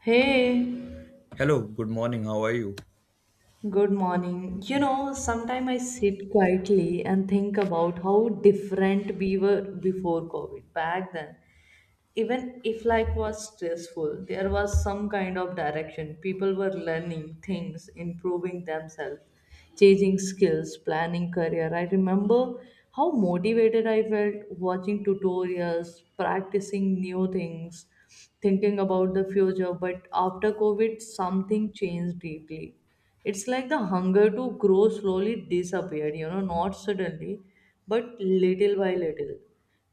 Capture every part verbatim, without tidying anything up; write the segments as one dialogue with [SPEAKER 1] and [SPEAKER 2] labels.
[SPEAKER 1] Hey,
[SPEAKER 2] Hello, good morning, how are you?
[SPEAKER 1] good morning. You know, sometimes I sit quietly and think about how different we were before COVID back then. Even if life was stressful, there was some kind of direction. People were learning things, improving themselves, changing skills, planning career. I remember how motivated I felt watching tutorials, practicing new things, thinking about the future. But after COVID, something changed deeply. It's like the hunger to grow slowly disappeared, you know, not suddenly, but little by little.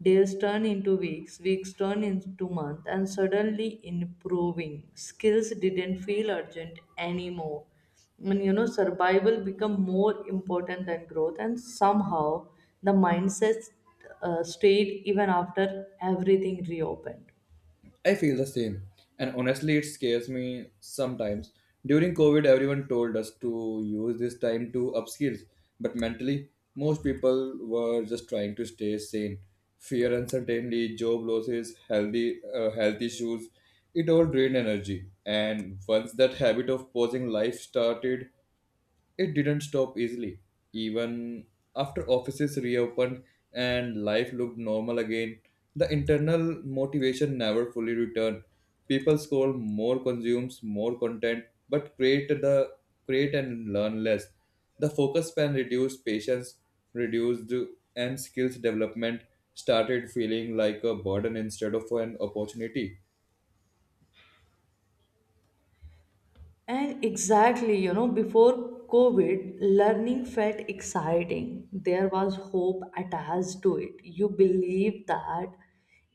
[SPEAKER 1] Days turn into weeks, weeks turn into months, and suddenly improving. Skills didn't feel urgent anymore. And you know, survival become more important than growth, and somehow the mindset uh, stayed even after everything reopened.
[SPEAKER 2] I feel the same. And honestly, it scares me sometimes. During COVID, everyone told us to use this time to upskill, but mentally, most people were just trying to stay sane. Fear, uncertainty, job losses, healthy uh, health issues, it all drained energy. And once that habit of pausing life started, it didn't stop easily. Even after offices reopened and life looked normal again, the internal motivation never fully returned. People scroll more, consumes more content, but create the create and learn less. The focus span reduced, patience reduced, and skills development started feeling like a burden instead of an opportunity.
[SPEAKER 1] And exactly, you know, before COVID, learning felt exciting. There was hope attached to it. You believed that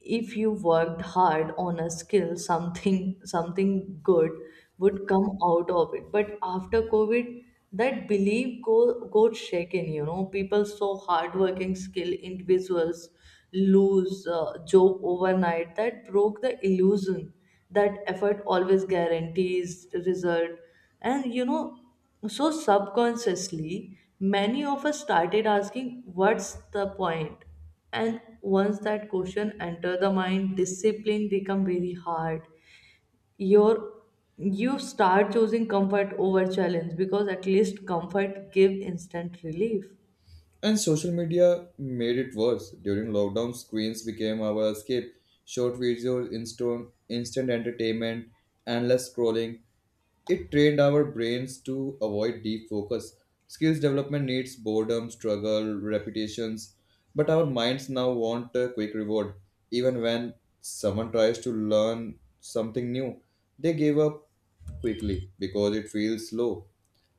[SPEAKER 1] if you worked hard on a skill, something something good would come out of it. But after COVID, that belief go got shaken, you know. People saw hardworking skill individuals lose uh, joke overnight that broke the illusion that effort always guarantees result, and you know so subconsciously many of us started asking what's the point. And once that question enter the mind, discipline become very hard. Your you start choosing comfort over challenge because at least comfort give instant relief.
[SPEAKER 2] And social media made it worse. During lockdown, screens became our escape. Short videos, instant, instant entertainment, endless scrolling. It trained our brains to avoid deep focus. Skills development needs boredom, struggle, repetitions. But our minds now want a quick reward. Even when someone tries to learn something new, they give up quickly because it feels slow.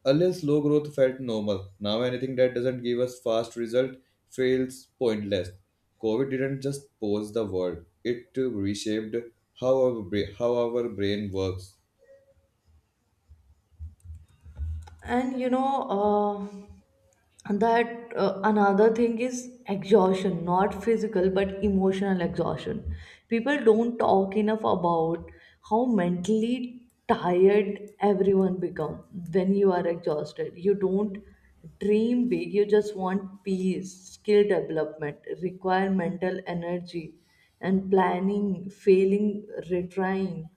[SPEAKER 2] Earlier, slow growth felt normal. Now, anything that doesn't give us fast result feels pointless. COVID didn't just pause the world; it uh, reshaped how our bra- how our brain works.
[SPEAKER 1] And you know uh, And that uh, Another thing is exhaustion, not physical but emotional exhaustion. People don't talk enough about how mentally tired everyone become. When you are exhausted, you don't dream big, you just want peace. Skill development, require mental energy and planning, failing, retrying.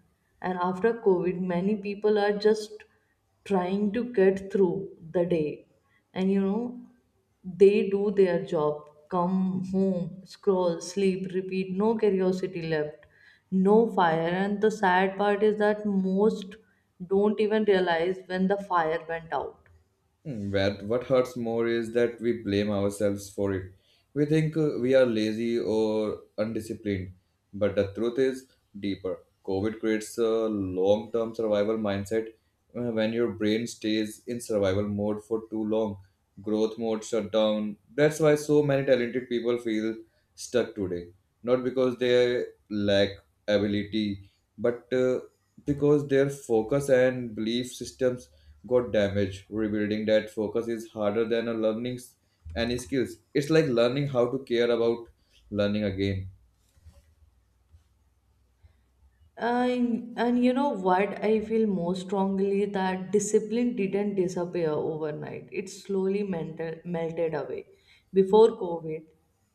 [SPEAKER 1] And after COVID, many people are just trying to get through the day, and you know, they do their job, come home, scroll, sleep, repeat. No curiosity left, no fire, and the sad part is that most don't even realize when the fire went out.
[SPEAKER 2] Hmm, What what hurts more is that we blame ourselves for it. We think uh, we are lazy or undisciplined, but the truth is deeper. COVID creates a long term survival mindset. Uh, When your brain stays in survival mode for too long, growth mode shut down. That's why so many talented people feel stuck today. Not because they lack ability, but uh, because their focus and belief systems got damaged. Rebuilding that focus is harder than a learning s- any skills. It's like learning how to care about learning again.
[SPEAKER 1] And, and you know what? I feel most strongly that discipline didn't disappear overnight. It slowly mental, melted away. Before COVID,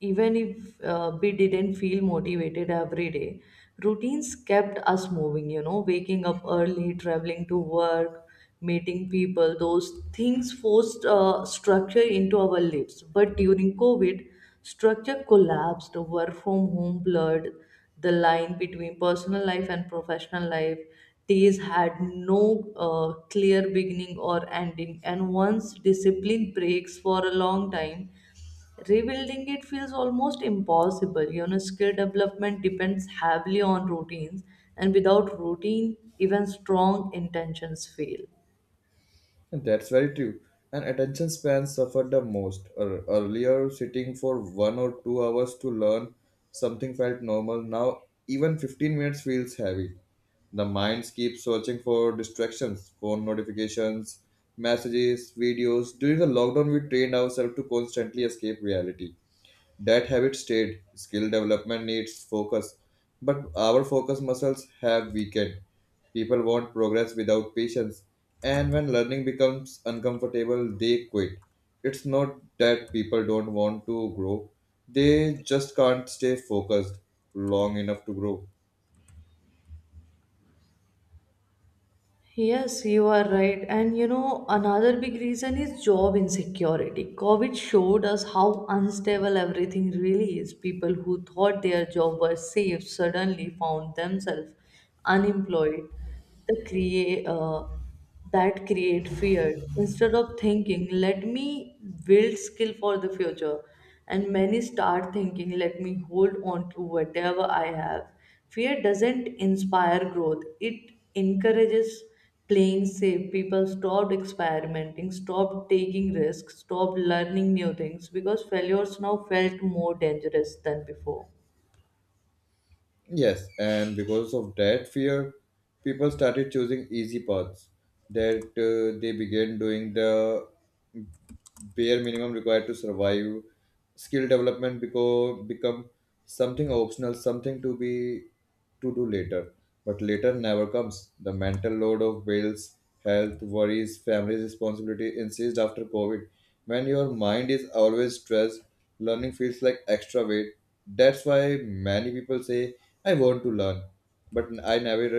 [SPEAKER 1] even if uh, we didn't feel motivated every day, routines kept us moving, you know, waking up early, traveling to work, meeting people. Those things forced uh, structure into our lives. But during COVID, structure collapsed. Work from home blurred the line between personal life and professional life. Days had no uh, clear beginning or ending, and once discipline breaks for a long time, rebuilding it feels almost impossible. You know, skill development depends heavily on routines, and without routine, even strong intentions fail.
[SPEAKER 2] That's very true. And attention span suffered the most. Ear- Earlier, sitting for one or two hours to learn something felt normal. Now, even fifteen minutes feels heavy. The minds keep searching for distractions, phone notifications, messages, videos. During the lockdown, we trained ourselves to constantly escape reality. That habit stayed. Skill development needs focus, but our focus muscles have weakened. People want progress without patience, and when learning becomes uncomfortable, they quit. It's not that people don't want to grow, they just can't stay focused long enough to grow.
[SPEAKER 1] Yes, you are right. And you know, another big reason is job insecurity. COVID showed us how unstable everything really is. People who thought their job was safe suddenly found themselves unemployed. The create, uh, that create fear. Instead of thinking, let me build skill for the future, and many start thinking, let me hold on to whatever I have. Fear doesn't inspire growth, it encourages playing safe. People stopped experimenting, stopped taking risks, stopped learning new things because failures now felt more dangerous than before.
[SPEAKER 2] Yes, and because of that fear, people started choosing easy paths that uh, they began doing the bare minimum required to survive. Skill development beco- become something optional, something to be to do later, but later never comes. The mental load of bills, health worries, family's responsibility insist after COVID. When your mind is always stressed, learning feels like extra weight. That's why many people say I want to learn, but I never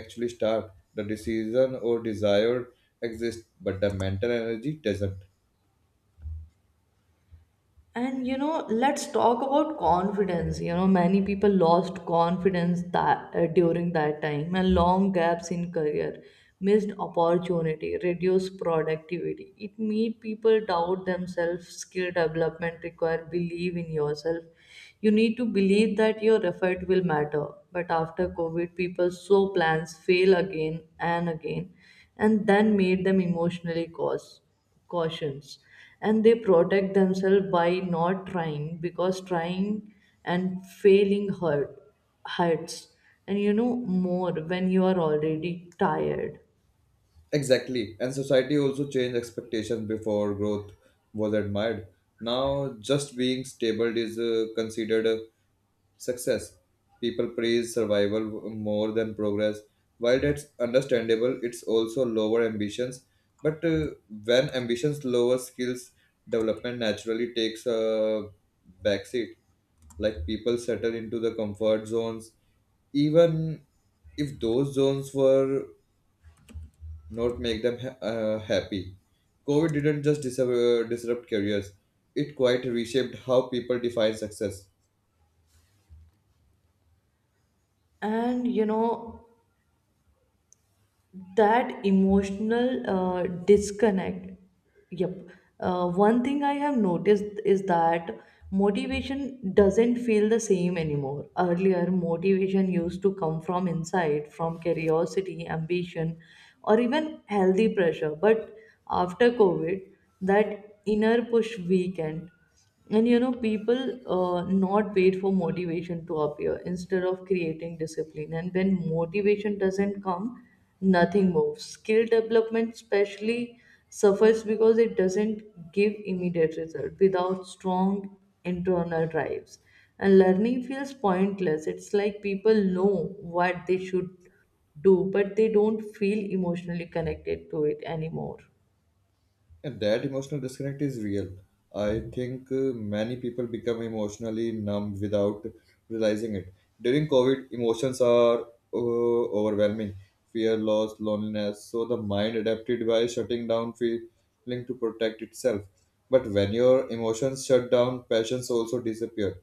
[SPEAKER 2] actually start. The decision or desire exists, but the mental energy doesn't.
[SPEAKER 1] And you know, let's talk about confidence. You know, many people lost confidence that uh, during that time, and long gaps in career, missed opportunity, reduced productivity. It made people doubt themselves. Skill development require believe in yourself. You need to believe that your effort will matter. But after COVID, people saw plans fail again and again, and then made them emotionally cause cautions, and they protect themselves by not trying, because trying and failing hurt hurts, and you know, more when you are already tired.
[SPEAKER 2] Exactly. And society also changed expectations before growth was admired. Now, just being stable is uh, considered a success. People praise survival more than progress. While that's understandable, it's also lower ambitions. But uh, when ambitions lower, skills development naturally takes a backseat. Like people settle into the comfort zones even if those zones were not make them ha- uh, happy. COVID didn't just dis- uh, disrupt careers, it quite reshaped how people define success.
[SPEAKER 1] And you know, that emotional uh, disconnect, yep, uh, one thing I have noticed is that motivation doesn't feel the same anymore. Earlier motivation used to come from inside, from curiosity, ambition, or even healthy pressure, but after COVID, that inner push weakened. And you know, people uh, not wait for motivation to appear instead of creating discipline. And when motivation doesn't come, nothing moves. Skill development, especially, suffers because it doesn't give immediate result without strong internal drives. And learning feels pointless. It's like people know what they should do, but they don't feel emotionally connected to it anymore.
[SPEAKER 2] And that emotional disconnect is real. I think uh, many people become emotionally numb without realizing it. During COVID, emotions are uh, overwhelming fear, loss, loneliness. So the mind adapted by shutting down feeling to protect itself. But when your emotions shut down, passions also disappear.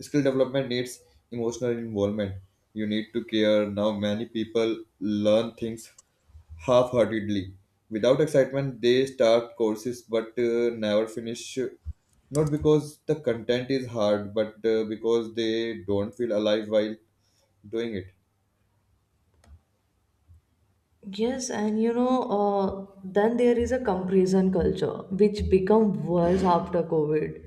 [SPEAKER 2] Skill development needs emotional involvement. You need to care. Now, many people learn things half-heartedly. Without excitement, they start courses but uh, never finish. Not because the content is hard, but uh, because they don't feel alive while doing it.
[SPEAKER 1] Yes, and you know, uh, then there is a comparison culture which become worse after COVID.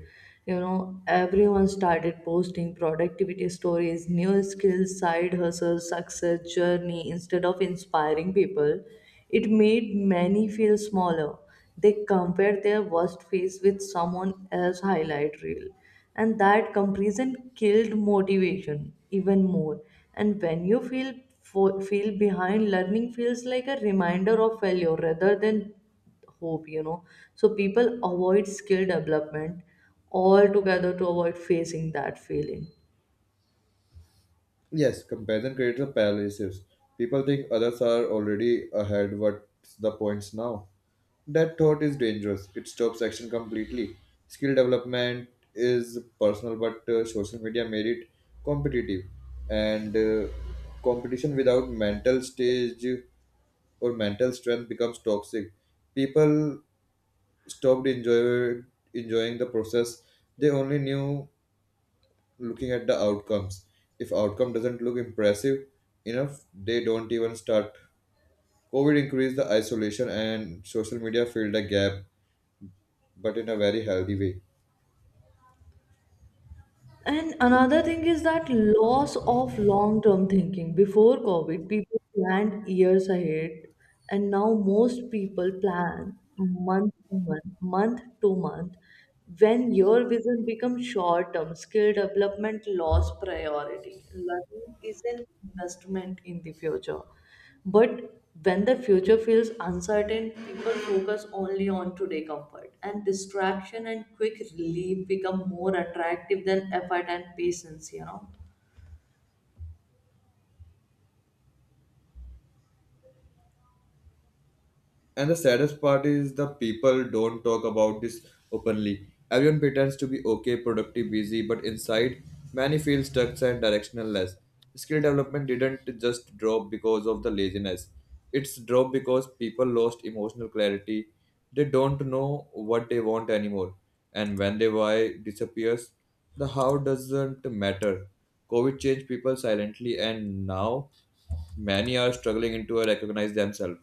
[SPEAKER 1] You know, everyone started posting productivity stories, new skills, side hustle, success journey instead of inspiring people. It made many feel smaller. They compare their worst phase with someone else's highlight reel. And that comparison killed motivation even more. And when you feel fo- feel behind, learning feels like a reminder of failure rather than hope, you know. So people avoid skill development altogether to avoid facing that feeling.
[SPEAKER 2] Yes, comparison creates a paralysis. People think others are already ahead. What's the points now? That thought is dangerous. It stops action completely. Skill development is personal, but uh, social media made it competitive, and uh, competition without mental stage or mental strength becomes toxic. People stopped enjoy, enjoying the process. They only knew looking at the outcomes. If outcome doesn't look impressive enough, they don't even start. COVID increased the isolation and social media filled the gap, but in a very healthy way.
[SPEAKER 1] And another thing is that loss of long term thinking. Before COVID, people planned years ahead, and now most people plan month to month, month to month. When your vision becomes short term, skill development lost priority. Learning is an investment in the future. But when the future feels uncertain, people focus only on today comfort, and distraction and quick relief become more attractive than effort and patience, you know.
[SPEAKER 2] And the saddest part is the people don't talk about this openly. Everyone pretends to be okay, productive, busy, but inside, many feel stuck and directionless. Skill development didn't just drop because of the laziness. It's dropped because people lost emotional clarity. They don't know what they want anymore. And when their why disappears, the how doesn't matter. COVID changed people silently, and now many are struggling to recognize themselves.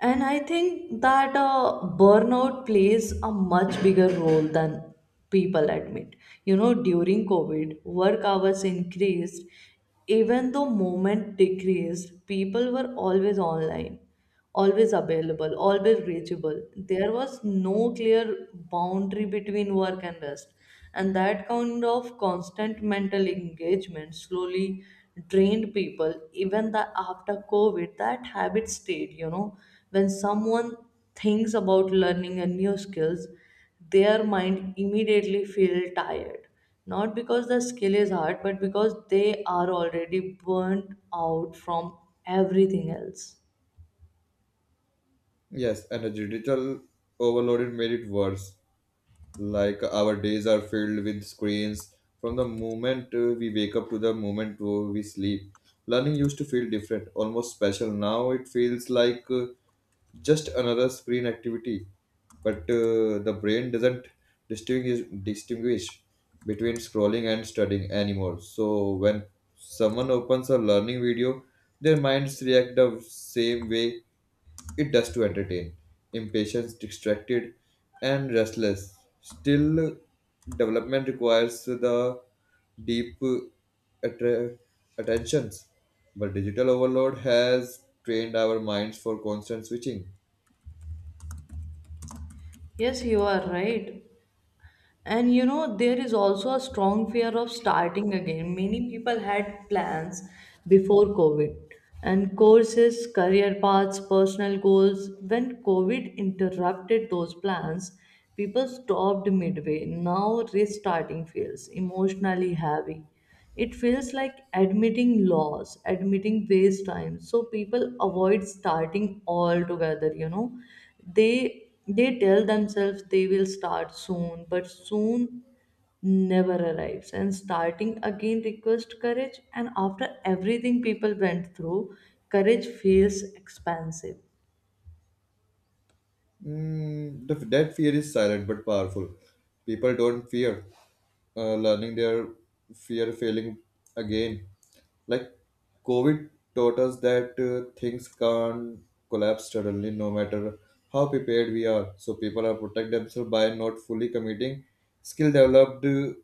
[SPEAKER 1] And I think that uh, burnout plays a much bigger role than people admit. You know, during COVID, work hours increased. Even though movement decreased, people were always online, always available, always reachable. There was no clear boundary between work and rest, and that kind of constant mental engagement slowly drained people. Even that after COVID, that habit stayed, you know. When someone thinks about learning a new skills, their mind immediately feel tired, not because the skill is hard, but because they are already burnt out from everything else.
[SPEAKER 2] Yes, and a digital overloaded made it worse. Like our days are filled with screens from the moment uh, we wake up to the moment uh, we sleep. Learning used to feel different, almost special. Now it feels like uh, just another screen activity, but uh, the brain doesn't distinguish distinguish between scrolling and studying anymore. So when someone opens a learning video, their minds react the same way it does to entertain. Impatience, distracted, and restless. Still, development requires the deep uh, attra- attentions. But digital overload has trained our minds for constant switching.
[SPEAKER 1] Yes, you are right. And you know, there is also a strong fear of starting again. Many people had plans before COVID, and courses, career paths, personal goals. When COVID interrupted those plans, people stopped midway. Now restarting feels emotionally heavy. It feels like admitting loss, admitting waste time. So people avoid starting altogether, you know. They they tell themselves they will start soon, but soon never arrives, and starting again request courage, and after everything people went through, courage feels expensive.
[SPEAKER 2] Mm, the, that fear is silent but powerful. People don't fear uh, learning their fear failing again. Like COVID taught us that uh, things can't collapse suddenly, no matter how prepared we are. So people are protect themselves by not fully committing. Skill developed uh,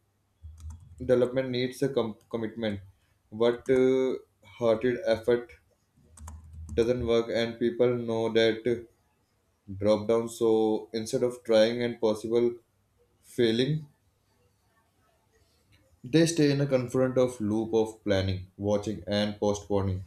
[SPEAKER 2] development needs a com- commitment, but uh, hearted effort doesn't work, and people know that drop down. So instead of trying and possible failing, they stay in a confront of loop of planning, watching, and postponing.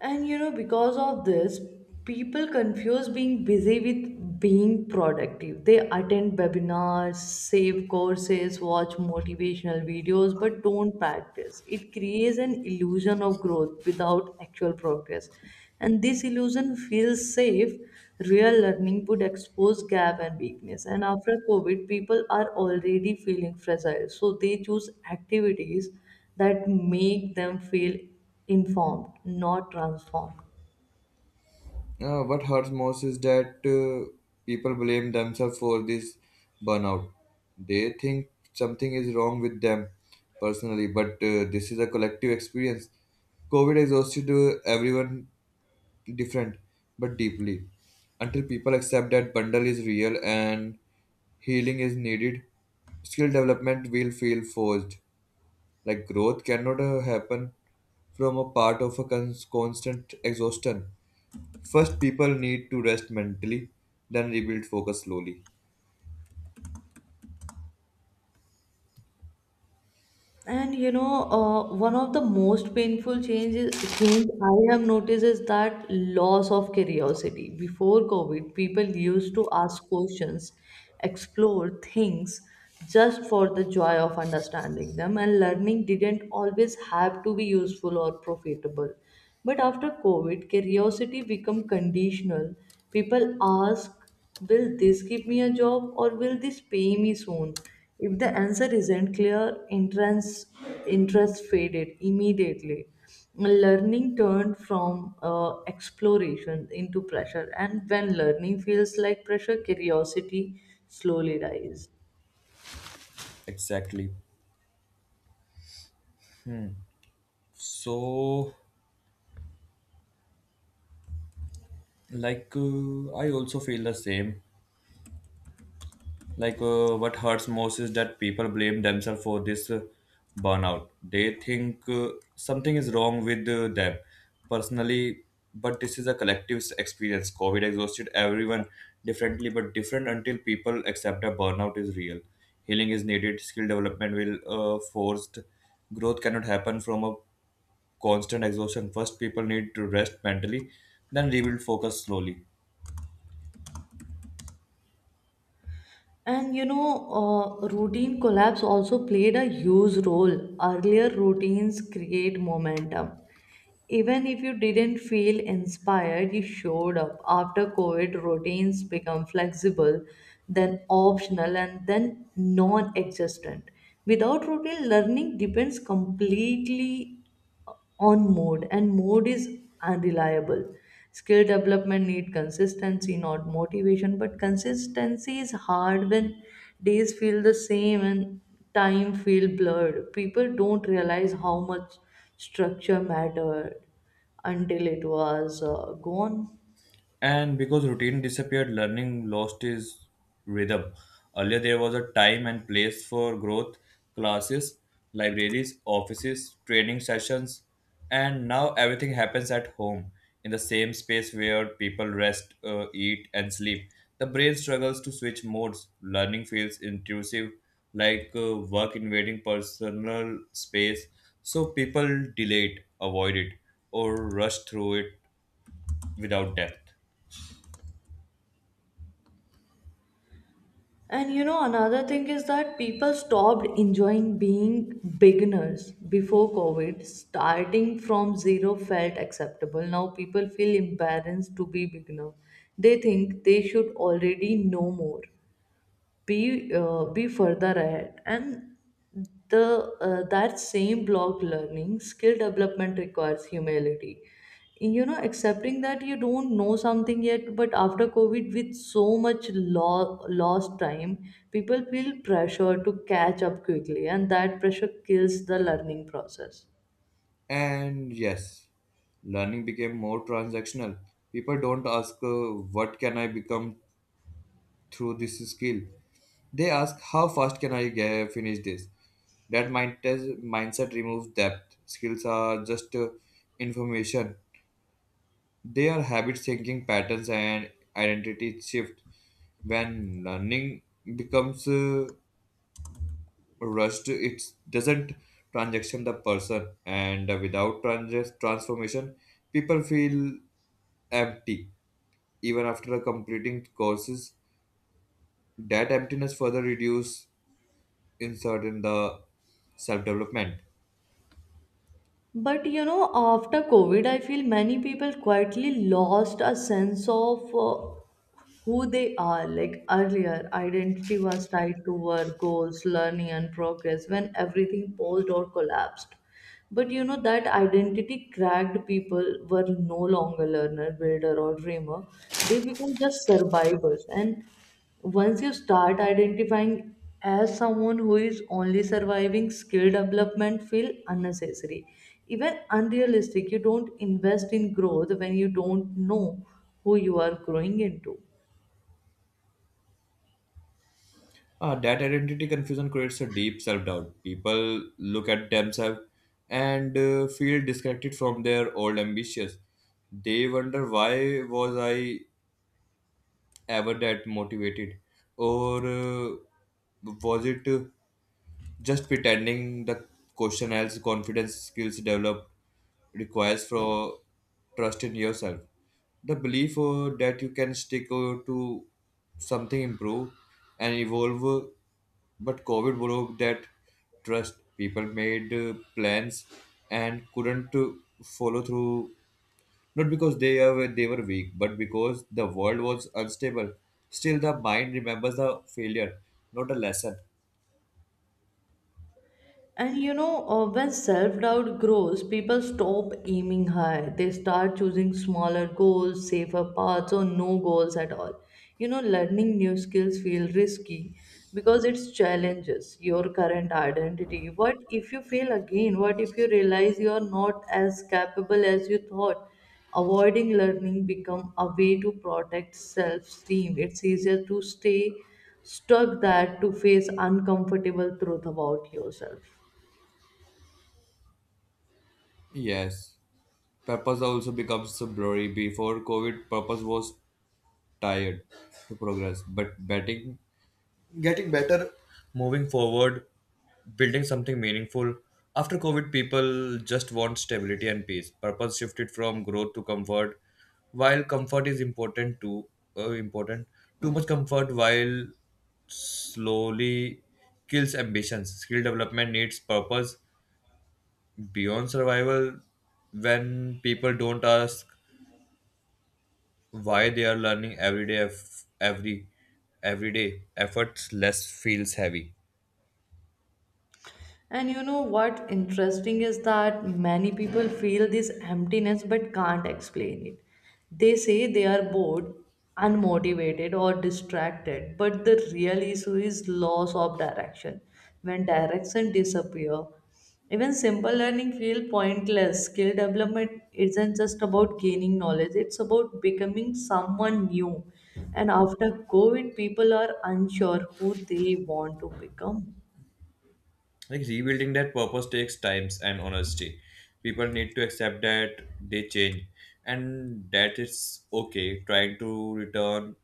[SPEAKER 1] And you know, because of this, people confuse being busy with being productive. They attend webinars, save courses, watch motivational videos, but don't practice. It creates an illusion of growth without actual progress. And this illusion feels safe. Real learning would expose gap and weakness. And after COVID, people are already feeling fragile. So they choose activities that make them feel informed, not transformed.
[SPEAKER 2] Uh, what hurts most is that uh, people blame themselves for this burnout. They think something is wrong with them personally, but uh, this is a collective experience. COVID exhausted uh, everyone different but deeply. Until people accept that bundle is real and healing is needed, skill development will feel forced. Like growth cannot uh, happen from a part of a cons- constant exhaustion. First, people need to rest mentally, then rebuild focus slowly.
[SPEAKER 1] And you know, uh, one of the most painful changes change I have noticed is that loss of curiosity. Before COVID, people used to ask questions, explore things just for the joy of understanding them, and learning didn't always have to be useful or profitable. But after COVID, curiosity become conditional. People ask, will this give me a job, or will this pay me soon? If the answer isn't clear, entrance interest faded immediately. Learning turned from uh, exploration into pressure, and when learning feels like pressure, curiosity slowly dies.
[SPEAKER 2] Exactly. So, like, uh, I also feel the same. Like, uh, what hurts most is that people blame themselves for this uh, burnout. They think uh, something is wrong with uh, them personally, but this is a collective experience. COVID exhausted everyone differently, but different until people accept that burnout is real. Healing is needed, skill development will uh, forced. Growth cannot happen from a constant exhaustion. First, people need to rest mentally, then rebuild focus slowly.
[SPEAKER 1] And you know, uh, routine collapse also played a huge role. Earlier routines create momentum. Even if you didn't feel inspired, you showed up. After COVID, routines become flexible, then optional, and then non existent. Without routine, learning depends completely on mode, and mode is unreliable. Skill development need consistency, not motivation, but consistency is hard when days feel the same and time feel blurred. People don't realize how much structure mattered until it was uh, gone.
[SPEAKER 2] And because routine disappeared, learning lost its rhythm. Earlier, there was a time and place for growth, classes, libraries, offices, training sessions, and now everything happens at home in the same space where people rest, uh, eat, and sleep. The brain struggles to switch modes. Learning feels intrusive, like uh, work invading personal space, so people delay it, avoid it, or rush through it without depth.
[SPEAKER 1] And you know, another thing is that people stopped enjoying being beginners before COVID. Starting from zero felt acceptable. Now people feel embarrassed to be beginner. They think they should already know more, be uh, be further ahead, and the uh, that same block learning skill development requires humility, you know, accepting that you don't know something yet. But after COVID, with so much lo- lost time, people feel pressure to catch up quickly, and that pressure kills the learning process.
[SPEAKER 2] And yes, learning became more transactional. People don't ask, uh, what can I become through this skill? They ask, how fast can I get, finish this? That mind- mindset removes depth. Skills are just uh, information, they are habit thinking patterns and identity shift. When learning becomes uh, Rust it doesn't transaction the person, and without trans- transformation, people feel empty. Even after completing courses, that emptiness further reduce insert in the self development.
[SPEAKER 1] But you know, after COVID, I feel many people quietly lost a sense of uh, who they are. Like earlier, identity was tied to work, goals, learning, and progress when everything paused or collapsed. But you know, that identity cracked. People were no longer learner, builder, or dreamer. They became just survivors. And once you start identifying as someone who is only surviving, skill development feel unnecessary, even unrealistic. You don't invest in growth when you don't know who you are growing into.
[SPEAKER 2] Uh, that identity confusion creates a deep self doubt. People look at themselves and uh, feel disconnected from their old ambitions. They wonder why was I ever that motivated or uh, was it uh, just pretending the question else confidence skills developed requires for trust in yourself, the belief uh, that you can stick uh, to something improve and evolve uh, but COVID broke that trust. People made uh, plans and couldn't uh, follow through, not because they were they were weak, but because the world was unstable. Still, the mind remembers the failure, not a lesson.
[SPEAKER 1] And you know, uh, when self doubt grows, people stop aiming high. They start choosing smaller goals, safer paths, or no goals at all. You know, learning new skills feel risky because it challenges your current identity. What if you fail again? What if you realize you are not as capable as you thought? Avoiding learning become a way to protect self-esteem. It's easier to stay stuck that to face uncomfortable truth about yourself.
[SPEAKER 2] Yes, purpose also becomes blurry. Before COVID, purpose was tired to progress, but betting moving forward, building something meaningful. After COVID, people just want stability and peace. Purpose shifted from growth to comfort. While comfort is important too, uh, important too much comfort while slowly kills ambitions. Skill development needs purpose beyond survival. When people don't ask why they are learning every day, eff- every every day, efforts less feels heavy.
[SPEAKER 1] And you know what interesting is that many people feel this emptiness but can't explain it. They say they are bored, unmotivated, or distracted, but the real issue is loss of direction. When direction disappear, even simple learning feel pointless. Skill development isn't just about gaining knowledge, it's about becoming someone new. And after COVID, people are unsure who they want to become.
[SPEAKER 2] Like rebuilding that purpose takes times and honesty. People need to accept that they change and that it's okay. Trying to return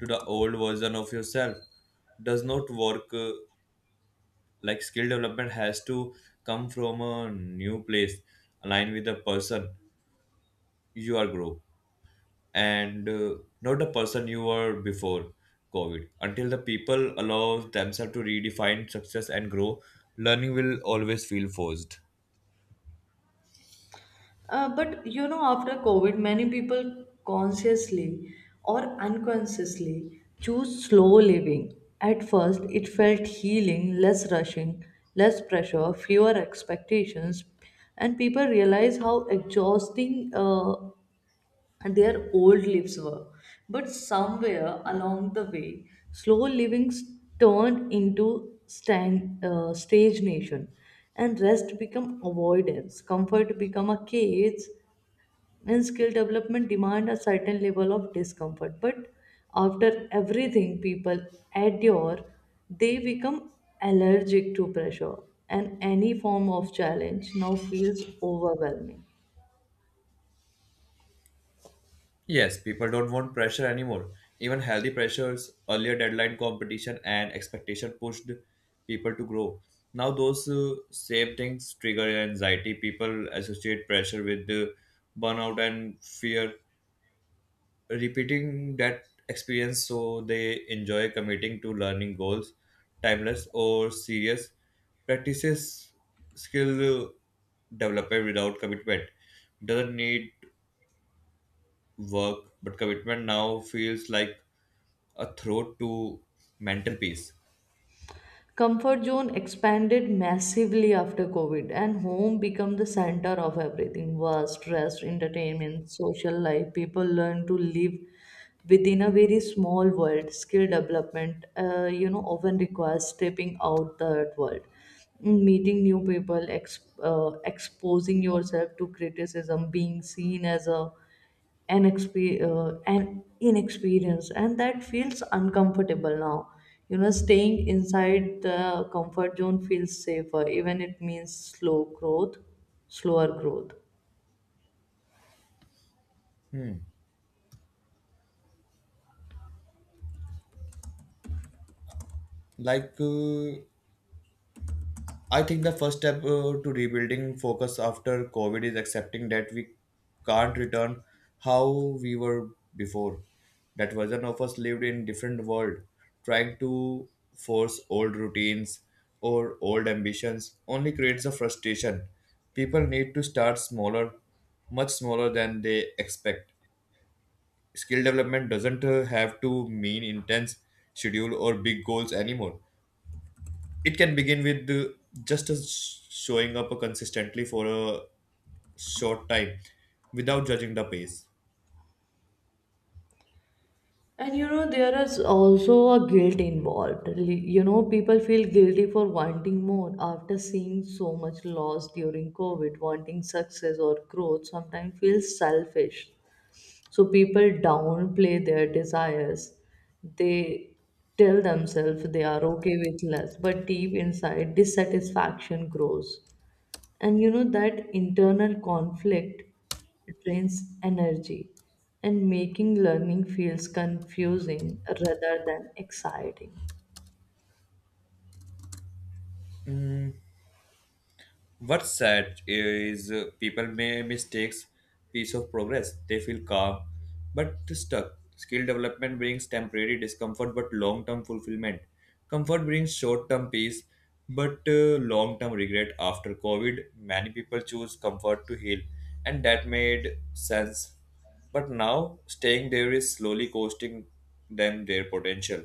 [SPEAKER 2] to the old version of yourself does not work. uh, Like skill development has to come from a new place, aligned with the person you are grow and uh, not the person you were before COVID. Until the people allow themselves to redefine success and grow, learning will always feel forced.
[SPEAKER 1] Uh, but you know, after COVID, many people consciously or unconsciously choose slow living. At first, it felt healing, less rushing, less pressure, fewer expectations, and people realize how exhausting uh, their old lives were. But somewhere along the way, slow living turned into stand, uh, stage nation, and rest become avoidance, comfort become a cage, and skill development demand a certain level of discomfort. But after everything people endure, they become allergic to pressure, and any form of challenge now feels overwhelming.
[SPEAKER 2] Yes, people don't want pressure anymore. Even healthy pressures, earlier deadline competition, and expectation pushed people to grow. Now, those uh, same things trigger anxiety. People associate pressure with uh, burnout and fear, repeating that experience so they enjoy committing to learning goals, timeless or serious practices, skill uh, development without commitment doesn't need work, but commitment now feels like a throat to mental peace.
[SPEAKER 1] Comfort zone expanded massively after COVID, and home became the center of everything: work, stress, entertainment, social life. People learn to live within a very small world. Skill development uh, you know, often requires stepping out that world, meeting new people, exp- uh, exposing yourself to criticism, being seen as a and expe- uh, and inexperience, and that feels uncomfortable now. You know, staying inside the comfort zone feels safer, even it means slow growth slower growth.
[SPEAKER 2] Like, uh, I think the first step uh, to rebuilding focus after COVID is accepting that we can't return how we were before. That version of us lived in different world, trying to force old routines or old ambitions only creates a frustration. People need to start smaller, much smaller than they expect. Skill development doesn't uh, have to mean intense schedule or big goals anymore. It can begin with uh, just as showing up consistently for a short time without judging the pace.
[SPEAKER 1] And you know, there is also a guilt involved. Li- You know, people feel guilty for wanting more after seeing so much loss during COVID. Wanting success or growth sometimes feels selfish. So people downplay their desires. They tell themselves they are okay with less, but deep inside, dissatisfaction grows, and you know, that internal conflict drains energy, and making learning feels confusing rather than exciting.
[SPEAKER 2] What's sad is uh, people may mistakes piece of progress. They feel calm but stuck. Skill development brings temporary discomfort but long-term fulfillment. Comfort brings short-term peace but uh, long-term regret. After COVID, many people choose comfort to heal, and that made sense. But now staying there is slowly costing them their potential.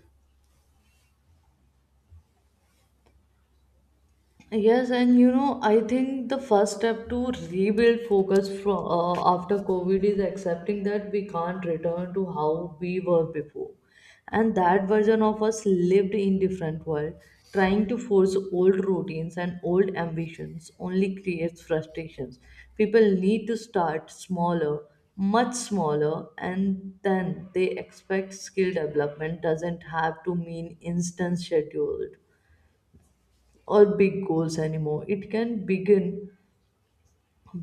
[SPEAKER 1] Yes, and you know, I think the first step to rebuild focus from uh, after COVID is accepting that we can't return to how we were before. And that version of us lived in different world. Trying to force old routines and old ambitions only creates frustrations. People need to start smaller, much smaller, and then they expect skill development doesn't have to mean instant scheduled or big goals anymore. It can begin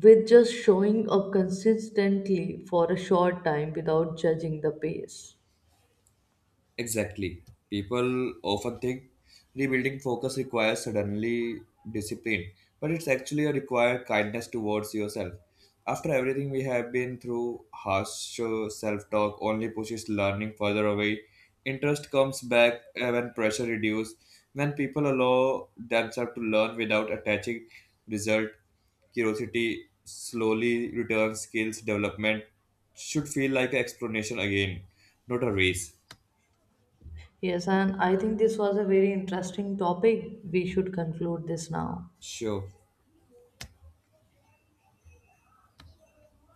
[SPEAKER 1] with just showing up consistently for a short time without judging the pace.
[SPEAKER 2] Exactly. People often think rebuilding focus requires suddenly discipline, but it's actually a required kindness towards yourself. After everything we have been through, harsh self talk only pushes learning further away. Interest comes back uh, when pressure reduces, when people allow themselves to learn without attaching result. Curiosity slowly returns, skills development should feel like an explanation again, not a race.
[SPEAKER 1] Yes, and I think this was a very interesting topic. We should conclude this now.
[SPEAKER 2] Show